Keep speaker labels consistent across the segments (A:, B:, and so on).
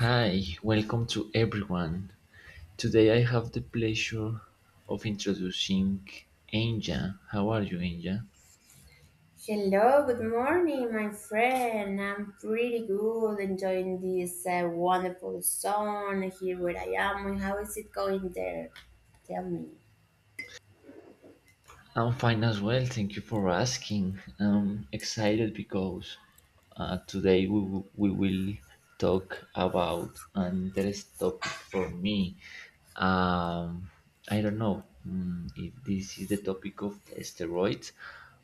A: Hi, welcome to everyone. Today I have the pleasure of introducing Anja. How are you, Anja?
B: Hello, good morning, my friend. I'm pretty good, enjoying this wonderful sun here where I am. And how is it going there? Tell me.
A: I'm fine as well. Thank you for asking. I'm excited because today we will talk about an interesting topic for me. Um, I don't know if this is the topic of steroids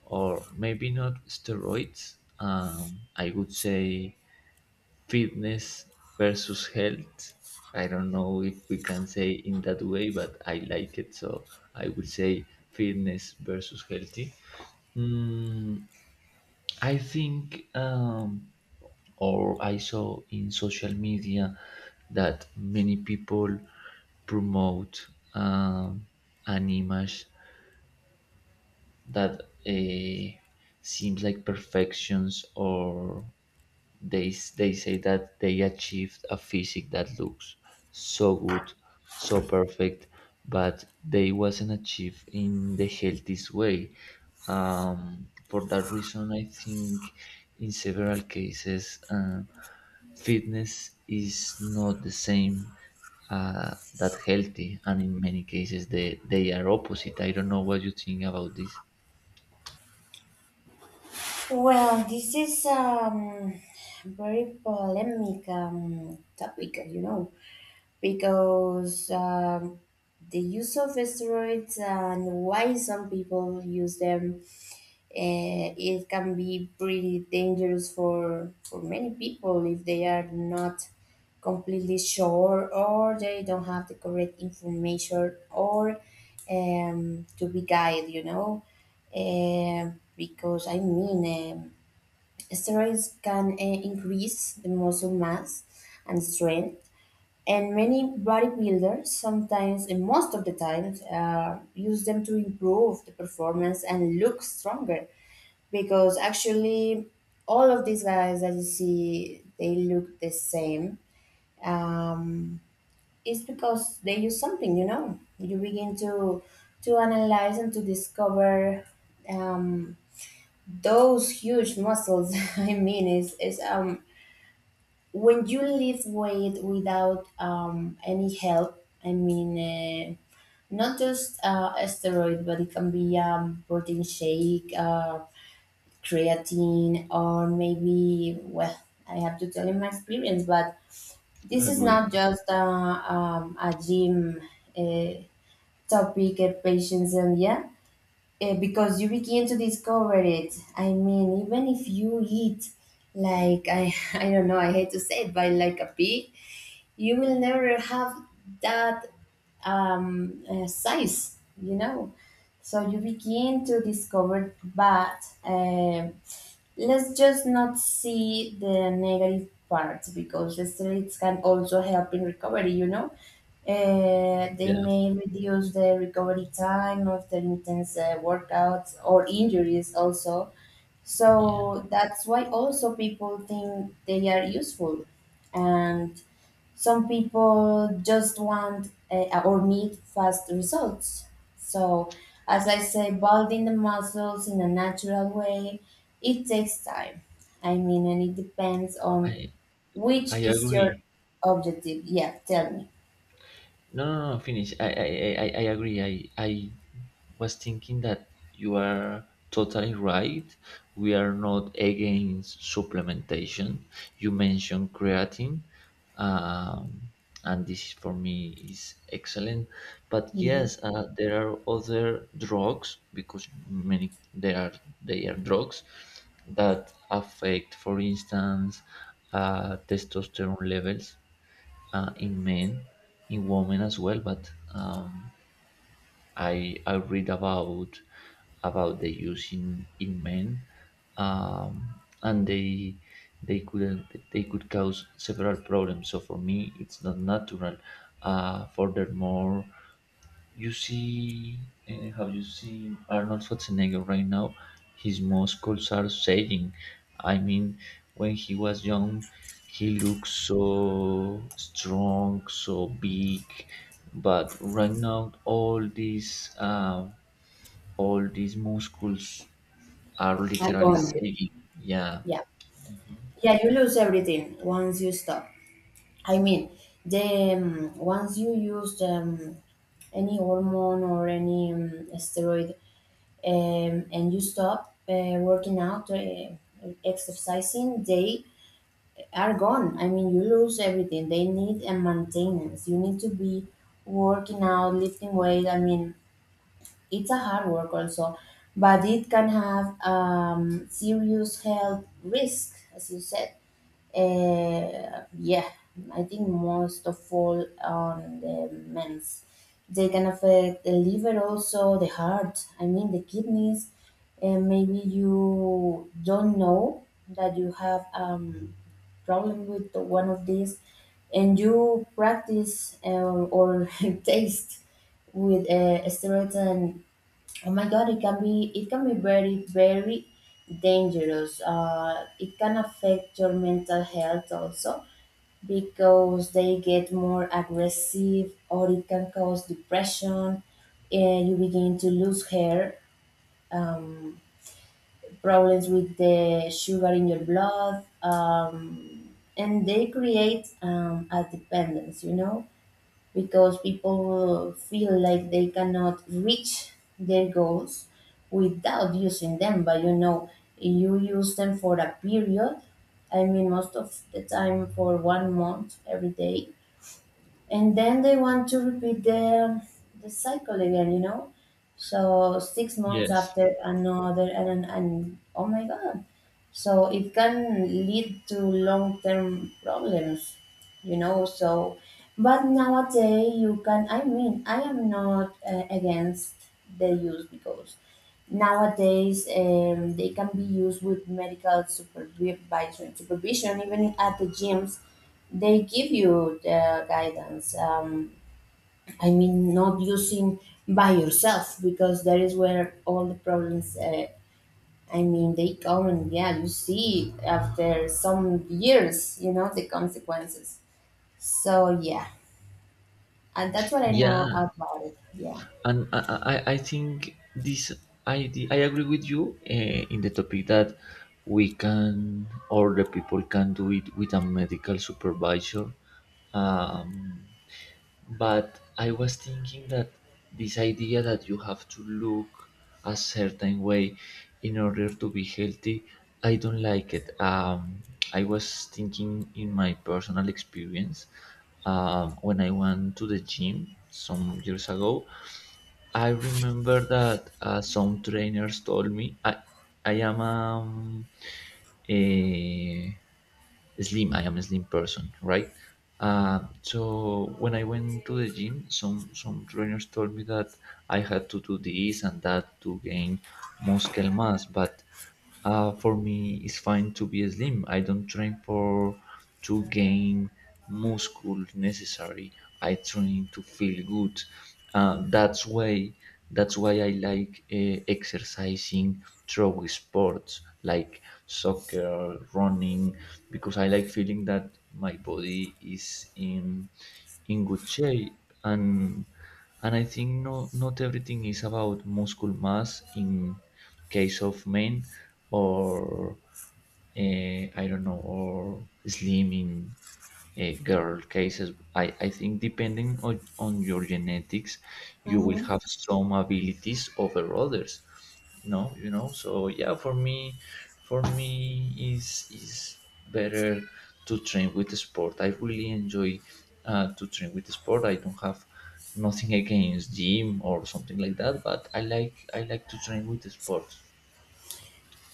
A: or maybe not steroids. I would say fitness versus health. I don't know if we can say in that way, but I like it, so I would say fitness versus healthy. I think, or I saw in social media that many people promote um, an image that uh, seems like perfections, or they say that they achieved a physique that looks so good, so perfect, but they wasn't achieved in the healthiest way. For that reason, I think in several cases, fitness is not the same that healthy, and in many cases, they are opposite. I don't know what you think about this.
B: Well, this is very polemic topic, you know, because the use of steroids and why some people use them it can be pretty dangerous for many people if they are not completely sure or they don't have the correct information or to be guided, you know. Um because I mean, steroids can increase the muscle mass and strength, and many bodybuilders sometimes, and most of the times, use them to improve the performance and look stronger, because actually all of these guys that you see, they look the same. um, it's because they use something, you know. You begin to analyze and to discover um, those huge muscles. I mean, is when you lift weight without any help, I mean, not just a steroid, but it can be protein shake, creatine, or maybe, well, I have to tell you my experience, but this is
A: Agree.
B: not just a gym uh, topic, patients and yeah. Because you begin to discover it, I mean, even if you eat like, I I don't know, I hate to say it, but like a pig, you will never have that size, you know. So you begin to discover that. Let's just not see the negative parts, because the streets can also help in recovery, you know. They
A: Yeah,
B: may reduce the recovery time after intense workouts or injuries also,
A: yeah,
B: so that's why also people think they are useful. And some people just want, or need, fast results. So, as I say, building the muscles in a natural way, it takes time. I mean, and it depends on
A: I I
B: which is your
A: agree.
B: objective. Yeah, tell me.
A: No, no, no, finish. I agree. I was thinking that you are totally right. We are not against supplementation. You mentioned creatine, um, and this for me is excellent. But
B: Hmm.
A: yes, there are other drugs because many there are drugs that affect, for instance, testosterone levels in men, in women as well. But I read about the use in men, and they could they could cause several problems. So for me, it's not natural. Furthermore, you see, have you seen Arnold Schwarzenegger right now? His muscles are sagging. I mean, when he was young, he looked so strong, so big, but right now, all these muscles are
B: I go
A: literally
B: on there.
A: sagging. Yeah.
B: Yeah, yeah, you lose everything once you stop. I mean, the once you use any hormone or any, steroid, and you stop working out, exercising, they are gone. I mean, you lose everything. They need a maintenance. You need to be working out, lifting weight. I mean, it's a hard work also, but it can have serious health risk, as you said. Yeah, I think most of all on the men's. They can affect the liver also, the heart, I mean the kidneys. And maybe you don't know that you have problem with the one of these, and you practice or taste with steroids and, oh my God, it can be very very dangerous. It can affect your mental health also, because they get more aggressive, or it can cause depression. And you begin to lose hair, um, problems with the sugar in your blood, and they create a dependence. You know, because people feel like they cannot reach their goals without using them. But you know, you use them for a period. I mean, most of the time for 1 month every day, and then they want to repeat the cycle again, you know. So 6 months
A: Yes.
B: after another, and oh my god, so it can lead to long-term problems, you know. So, but nowadays you can, I mean, I am not against the use, because nowadays they can be used with medical supervision. Even at the gyms, they give you the guidance. I mean, not using by yourself, because that is where all the problems, I mean, they come. And yeah, you see after some years, you know the consequences. So yeah, and that's what I know
A: Yeah.
B: about it, yeah.
A: And I think this idea I agree with you in the topic that we can or the people can do it with a medical supervisor, um, but I was thinking that this idea that you have to look a certain way in order to be healthy, I don't like it. I was thinking in my personal experience. When I went to the gym some years ago, I remember that some trainers told me I am um, a I am a slim person, right? So when I went to the gym, some trainers told me that I had to do this and that to gain muscle mass. But for me, it's fine to be slim. I don't train for to gain muscle necessary. I train to feel good. Uh, that's why that's why I like exercising through sports like soccer, running, because I like feeling that my body is in good shape, and and I think no, not everything is about muscle mass in case of men, or I don't know, or slim in girl cases. I think depending on your genetics, you will
B: Hmm.
A: have some abilities over others. No, you know. So yeah, for me is better to train with the sport. I really enjoy to train with the sport. I don't have nothing against gym or something like that, but I like to train with the sport.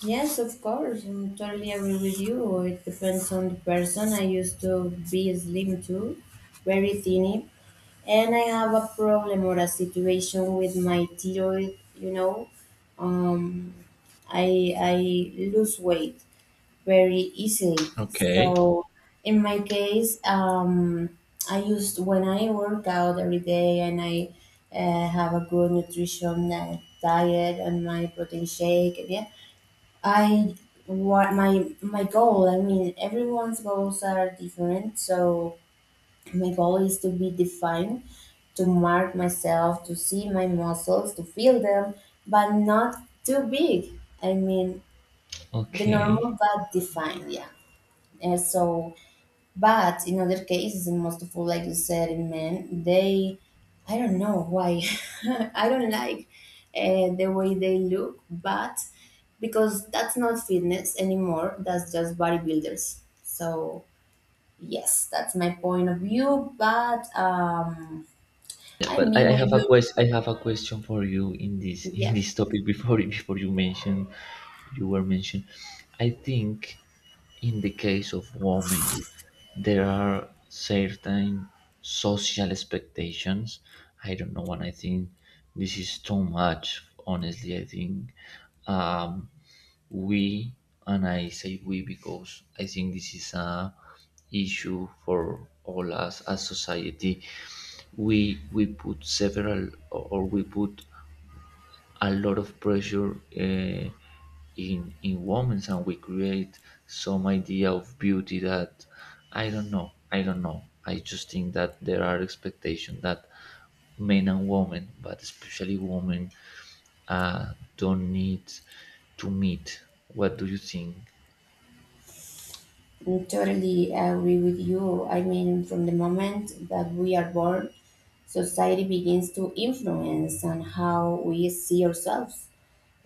B: Yes, of course. I totally agree with you. It depends on the person. I used to be slim too, very thin, and I have a problem or a situation with my thyroid. You know, um, I lose weight very easily.
A: Okay,
B: So in my case, I used when I work out every day, and I have a good nutrition diet and my protein shake. Yeah, I, what my goal. I mean, everyone's goals are different, so. My goal is to be defined, to mark myself, to see my muscles, to feel them, but not too big. I mean, the
A: okay.
B: normal but defined, yeah. And so, but in other cases, and most of all, like you said, in men, they, I don't know why, I don't like the way they look, but because that's not fitness anymore, that's just bodybuilders. So, yes, that's my point of view, but
A: Yeah,
B: I
A: but I,
B: mean,
A: I
B: when
A: have a
B: you,
A: quest. I have a question for you in this in
B: yeah,
A: this topic before you were mentioned. I think in the case of women, there are certain social expectations. I don't know, and I think this is too much. Honestly, I think, um, we, and I say we because I think this is a issue for all us as society, we put several or we put a lot of pressure in women, and we create some idea of beauty that I don't know, I just think that there are expectations that men and women, but especially women, don't need to meet. What do you think?
B: I totally agree with you. I mean, from the moment that we are born, society begins to influence on how we see ourselves.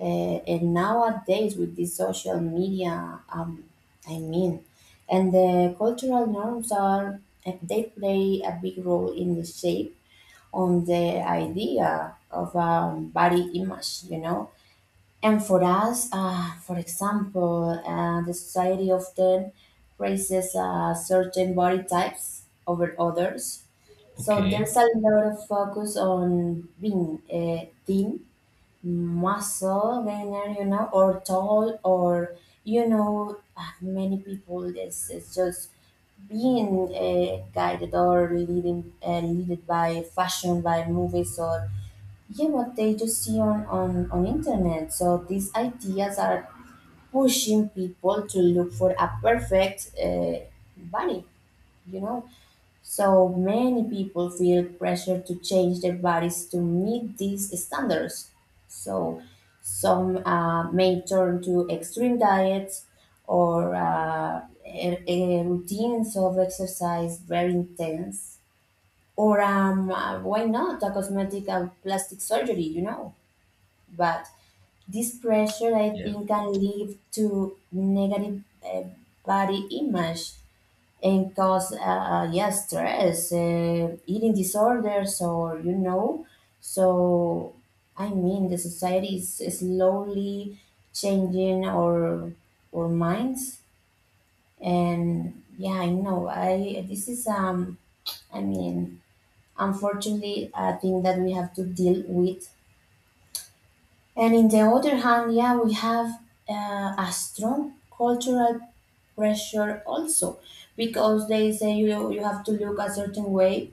B: And nowadays, with the social media, I mean, and the cultural norms are, they play a big role in the shape, on the idea of, body image, you know. And for us, for example, the society often praises certain body types over others. So
A: Okay.
B: there's a lot of focus on being, thin, muscle, leaner, you know, or tall, or, you know, many people, this is just being guided or leading, leaded by fashion, by movies, or yeah, what they just see on on internet. So these ideas are pushing people to look for a perfect body, you know. So many people feel pressure to change their bodies to meet these standards. So some may turn to extreme diets or a routines of exercise very intense, or why not a cosmetic and plastic surgery, you know. But this pressure, I
A: Yeah.
B: think, can lead to negative body image and cause, yeah, stress, eating disorders, or you know. So, I mean, the society is slowly changing our minds, and yeah, I know. I, this is I mean, unfortunately, a thing that we have to deal with. And in the other hand, yeah, we have a strong cultural pressure also, because they say you have to look a certain way,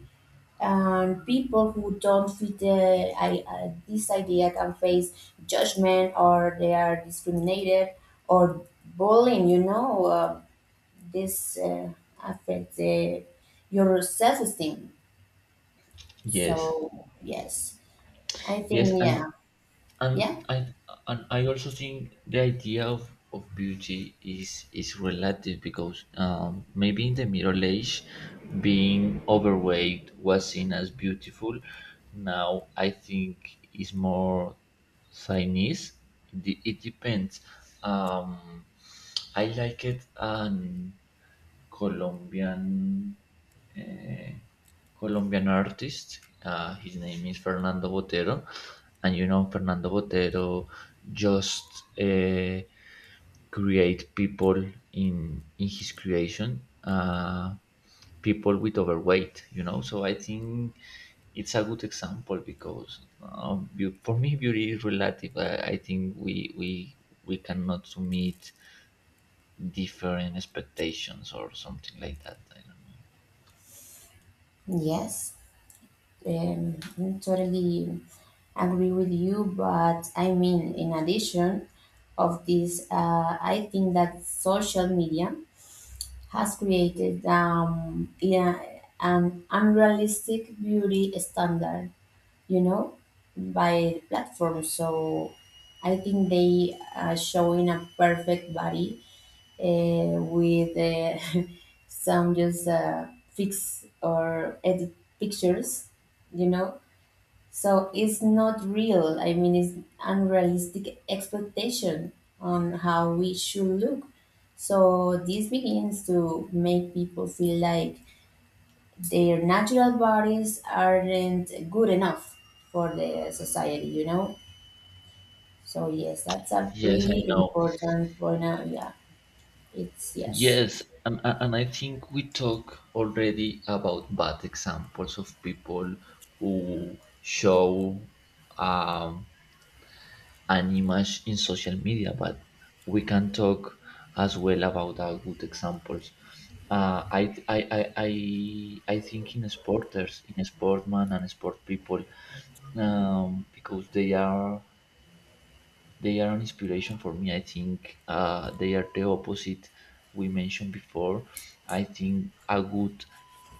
B: and people who don't fit the, I, this idea can face judgment, or they are discriminated or bullying. You know, this affects your self esteem.
A: Yes.
B: So yes, I think,
A: Yes. and
B: yeah,
A: and
B: yeah,
A: I and I also think the idea of beauty is relative because, maybe in the Middle Age, being overweight was seen as beautiful. Now I think is more Chinese. It depends. Um, I like it an Colombian Colombian artist. His name is Fernando Botero, and you know Fernando Botero just uh, create people in his creation, people with overweight. You know, so I think it's a good example because for me beauty is relative. I think we cannot meet different expectations or something like that. I don't know.
B: yes. I'm totally agree with you, but I mean, in addition of this, I think that social media has created, yeah, an unrealistic beauty standard, you know, by the platform. So I think they are showing a perfect body with some just fix or edit pictures, you know, so it's not real. I mean, it's unrealistic expectation on how we should look. So this begins to make people feel like their natural bodies aren't good enough for the society, you know? So yes, that's a
A: Yes, I
B: pretty
A: know.
B: important point. Yeah, it's yes.
A: Yes, and I think we talk already about bad examples of people who show um, an image in social media, but we can talk as well about our good examples. Uh, I, I, I, I think in sporters, in sportmen and sport people, because they are an inspiration for me. I think they are the opposite we mentioned before. I think a good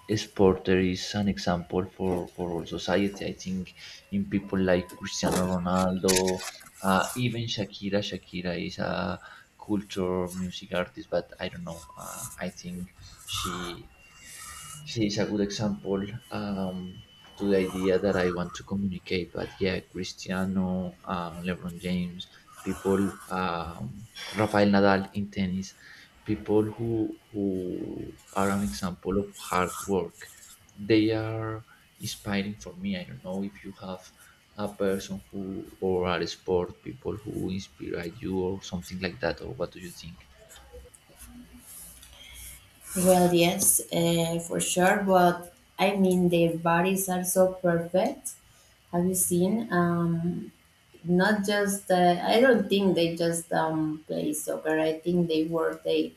A: sporter is an example for all society. I think in people like Cristiano Ronaldo, even Shakira. Shakira is a culture music artist, but I don't know. I think she she is a good example um, to the idea that I want to communicate. But yeah, Cristiano, LeBron James, people, Rafael Nadal in tennis, people who are an example of hard work. They are inspiring for me. I don't know if you have a person who or are sport people who inspire you or something like that, or what do you think?
B: Well, yes, for sure. But I mean, their bodies are so perfect. Have you seen? Not just, I don't think they just play soccer, I think they work, they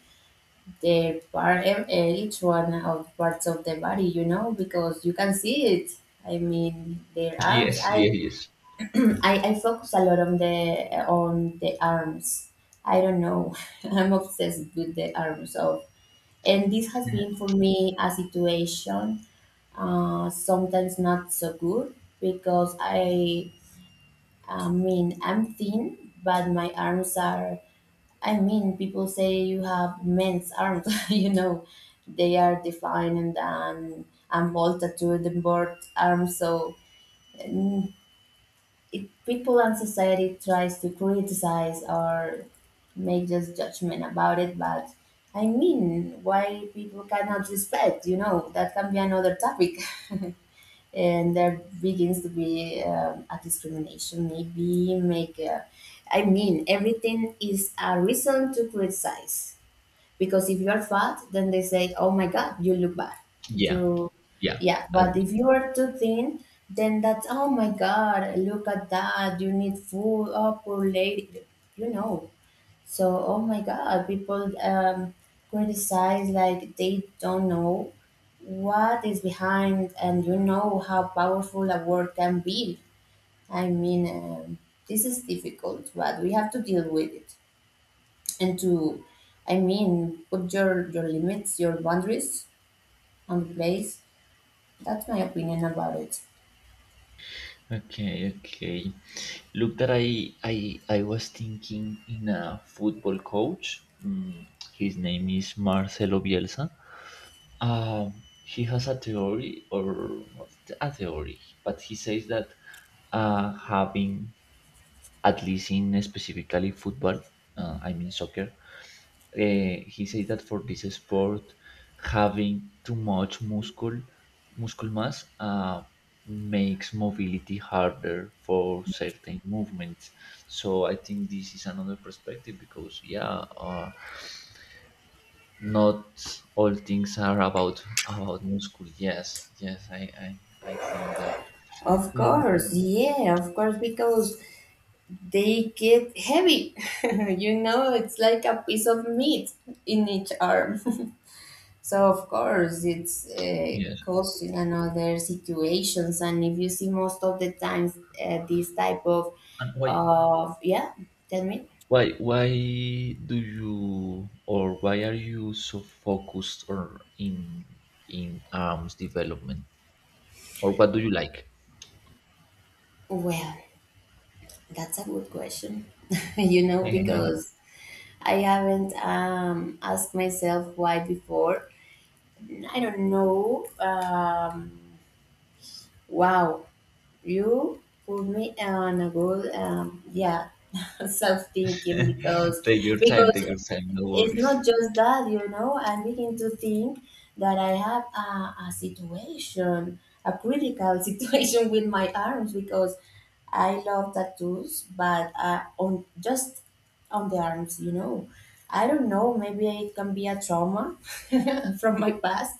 B: their part, each one of parts of the body, you know, because you can see it. I mean, their arms,
A: Yes,
B: I
A: yes, yes.
B: I focus a lot on the arms, I don't know, I'm obsessed with the arms of, and this has been for me a situation, uh, sometimes not so good, because I mean, I'm thin, but my arms are. I mean, people say you have men's arms, you know, they are defined and bolted to the board arms. So, mm, if people and society tries to criticize or make just judgment about it, but I mean, why people cannot respect? You know, that can be another topic. And there begins to be a discrimination, maybe make a, I mean, everything is a reason to criticize, because if you're fat, then they say oh my god you look bad,
A: Yeah,
B: you,
A: yeah.
B: yeah,
A: I
B: but if you are too thin, then that's oh my god, look at that, you need food, oh poor lady, you know. So, oh my God, people criticize like they don't know what is behind, and you know how powerful a word can be. I mean, this is difficult, but we have to deal with it and to, I mean, put your limits, your boundaries on place. That's my opinion about it.
A: Okay, okay. Look that I was thinking in a football coach. His name is Marcelo Bielsa. He has a theory or not a theory, but he says that having at least in specifically football, I mean soccer, he said that for this sport, having too much muscle mass makes mobility harder for certain movements. So I think this is another perspective because yeah, uh, not all things are about muscle. Yes, yes, I think that.
B: Of
A: Mm,
B: course, yeah, of course, because they get heavy. You know, it's like a piece of meat in each arm. So of course, it's
A: yes,
B: caused in another situations, and if you see most of the times this type
A: and why
B: of yeah, tell me.
A: Why why do you or why are you so focused or in arms development? Or what do you like?
B: Well, that's a good question. You know, because I haven't asked myself why before. I don't know. Wow, you put me on a good self thinking because
A: Take
B: because
A: your time, no
B: it's not
A: worries.
B: just that, you know, I begin to think that I have a situation, a critical situation with my arms because I love tattoos, but on just on the arms, you know. I don't know, maybe it can be a trauma from my past.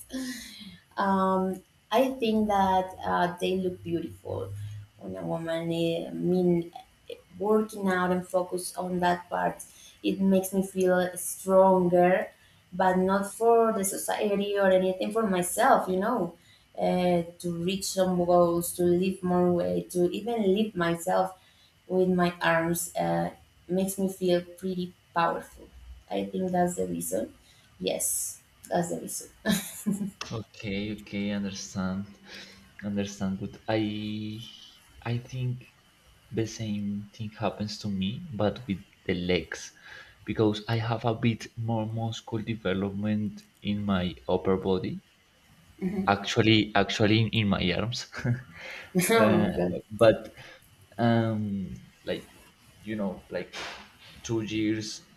B: Um, I think that they look beautiful on a woman. I mean, working out and focus on that part. It makes me feel stronger, but not for the society or anything for myself, you know, to reach some goals, to lift more weight, to even lift myself with my arms makes me feel pretty powerful. I think that's the reason. Yes, that's the reason.
A: Okay, okay, understand. Understand good. I think the same thing happens to me, but with the legs. Because I have a bit more muscle development in my upper body. Actually in my arms.
B: Oh my
A: uh,
B: God.
A: but um like, like 2 years,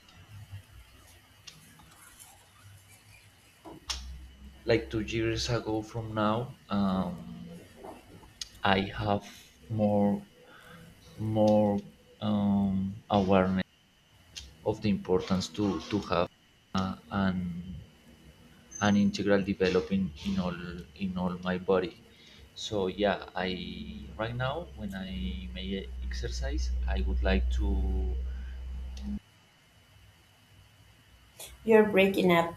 A: like 2 years ago from now, I have more more awareness of the importance to have an an integral developing in all my body, so yeah, I right now when I may exercise, I would like to
B: You're breaking up.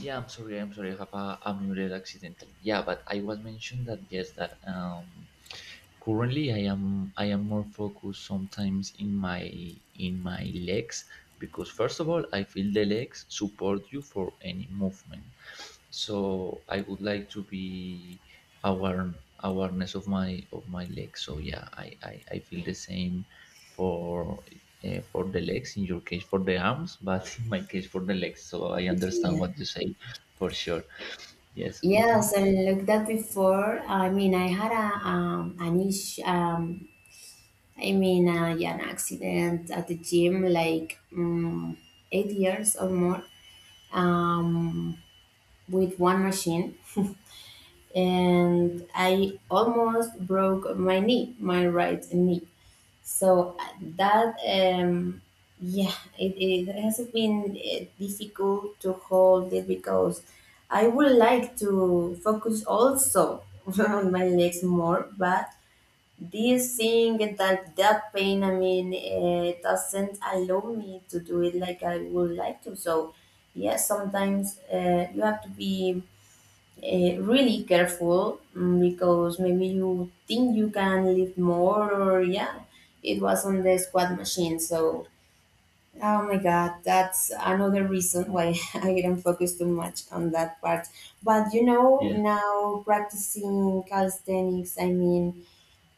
A: Yeah, I'm sorry. I'm sorry. I have a unmuted accidentally. Yeah, but I was mentioned that yes, that currently I am more focused sometimes in my legs because first of all I feel the legs support you for any movement. So I would like to be aware awareness of my legs. So yeah, I feel the same for for the legs in your case for the arms but in my case for the legs, so I understand
B: Yeah.
A: what you say for sure. Yes, mhm.
B: Yes, I looked at before. I mean, I had a an issue. I mean, yeah, an accident at the gym, like 8 years or more, um, with one machine, and I almost broke my knee, my right knee. So that, yeah, it hasn't been difficult to hold it because I would like to focus also on my legs more, but this thing that pain, I mean, doesn't allow me to do it like I would like to. So, yes, sometimes you have to be really careful, because maybe you think you can lift more or yeah, it was on the squat machine. So oh my God, that's another reason why I didn't focus too much on that part. But you know,
A: Yeah,
B: now practicing calisthenics, I mean,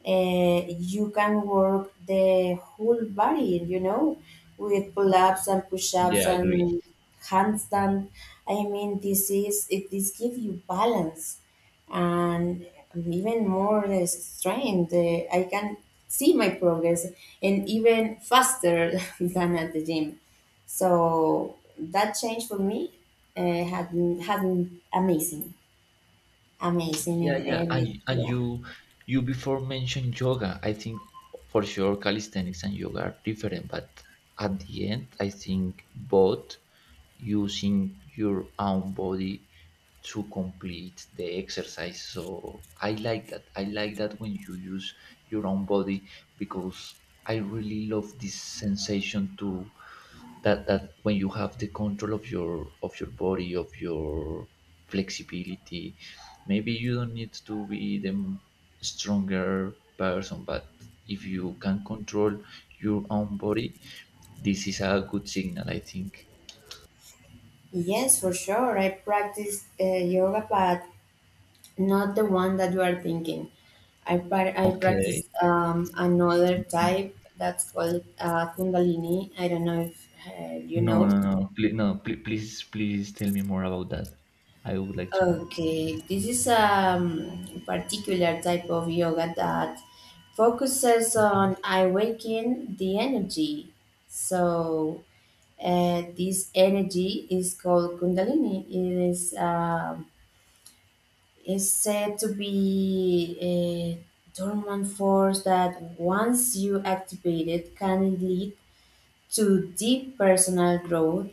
B: you can work the whole body, you know, with pull ups and push ups
A: yeah, agree.
B: and handstand. I mean, this is it, this gives you balance and even more strength. I can see my progress and even faster than at the gym. So that change for me uh, had, had been amazing, amazing in
A: Yeah, yeah, and
B: every,
A: and
B: yeah.
A: you before mentioned yoga. I think for sure calisthenics and yoga are different, but at the end, I think both using your own body to complete the exercise. So I like that. I like that when you use your own body because I really love this sensation to that, when you have the control of your body of your flexibility, maybe you don't need to be the stronger person, but if you can control your own body, this is a good signal, I think.
B: Yes, for sure. I practice yoga, but not the one that you are thinking. I
A: Okay.
B: practice another type that's called Kundalini. I don't know if you
A: No, no,
B: know.
A: no, please, no, please tell me more about that. I would like to know.
B: Okay, this is a particular type of yoga that focuses
A: Mhm.
B: on awakening the energy. So this energy is called Kundalini. It is. Is said to be a dormant force that, once you activate it, can lead to deep personal growth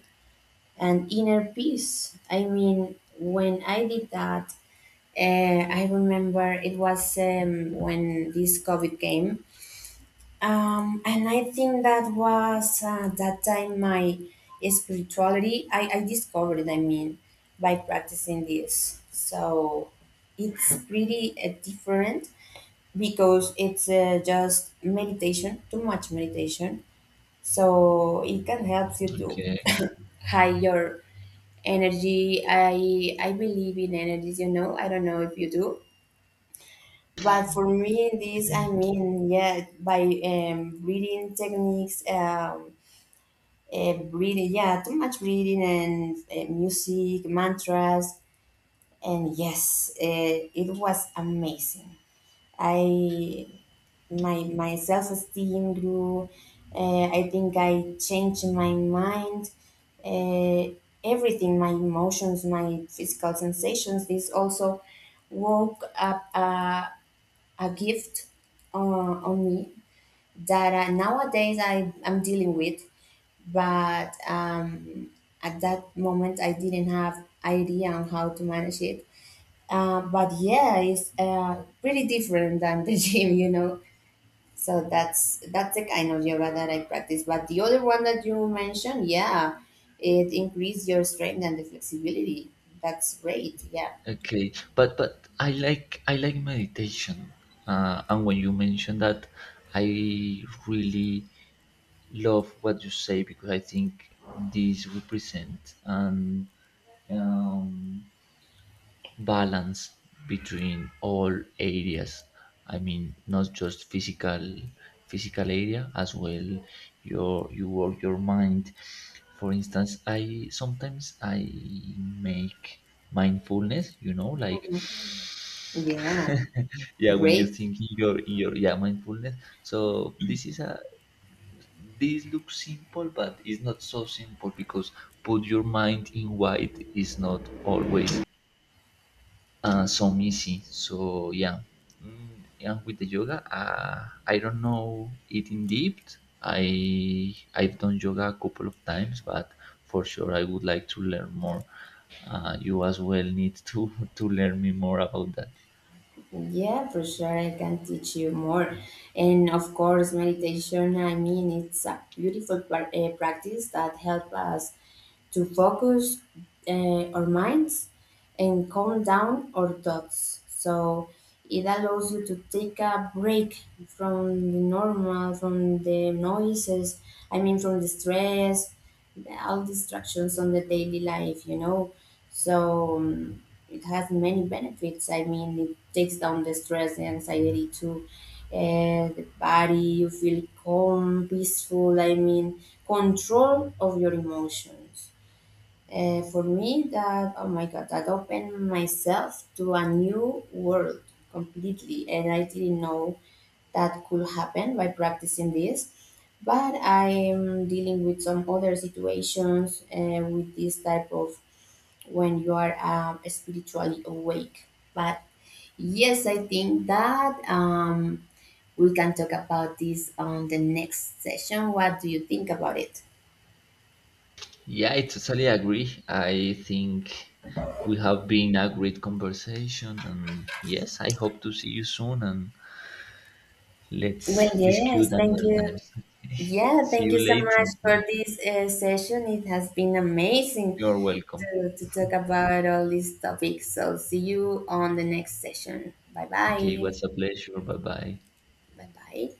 B: and inner peace. I mean, when I did that, uh, I remember it was when this COVID came. And I think that was that time my spirituality. I discovered, it, I mean, by practicing this. So it's pretty different because it's just meditation, too much meditation. So it can help you
A: Okay.
B: to high your energy. I believe in energies. You know, I don't know if you do, but for me, this I mean, yeah, by reading techniques, reading, yeah, too much reading and music, mantras, and yes, it was amazing. I my self esteem grew. I think I changed my mind. Uh, everything, my emotions, my physical sensations. This also woke up. A gift on me that nowadays I'm dealing with, but at that moment I didn't have idea on how to manage it. But yeah, it's pretty different than the gym, you know. So that's the kind of yoga that I practice. But the other one that you mentioned, yeah, it increased your strength and the flexibility. That's great. Yeah.
A: Okay, but I like meditation, and when you mention that, I really love what you say because I think this represent an, um, balance between all areas. I mean, not just physical area as well. You work your mind. For instance, I sometimes I make mindfulness. You know, like
B: Mhm. Yeah,
A: yeah, when you
B: great.
A: think in your yeah mindfulness, so this is a this looks simple but it's not so simple because put your mind in white is not always so easy, so yeah. Mm, yeah, with the yoga, I don't know it in depth. I've done yoga a couple of times, but for sure I would like to learn more. You as well need to to learn me more about that.
B: Yeah, for sure, I can teach you more. And of course, meditation, I mean, it's a beautiful practice that helps us to focus our minds and calm down our thoughts. So it allows you to take a break from the normal, from the noises, I mean, from the stress, all distractions on the daily life, you know. So it has many benefits. I mean, it takes down the stress, the anxiety too. The body, you feel calm, peaceful. I mean, control of your emotions. For me, that, oh my God, that opened myself to a new world completely. And I didn't know that could happen by practicing this. But I am dealing with some other situations with this type of when you are spiritually awake. But yes, I think that we can talk about this on the next session. What do you think about it?
A: Yeah, I totally agree. I think we have been a great conversation, and yes, I hope to see you soon. And let's
B: Well,
A: discuss
B: yes, thank
A: another
B: you.
A: times. Okay.
B: Yeah,
A: See
B: thank
A: you
B: you so much
A: later.
B: for this session. It has been amazing
A: You're welcome.
B: to talk about all these topics. So, see you on the next session. Bye
A: Okay, it
B: bye.
A: was a pleasure. Bye bye.
B: Bye bye.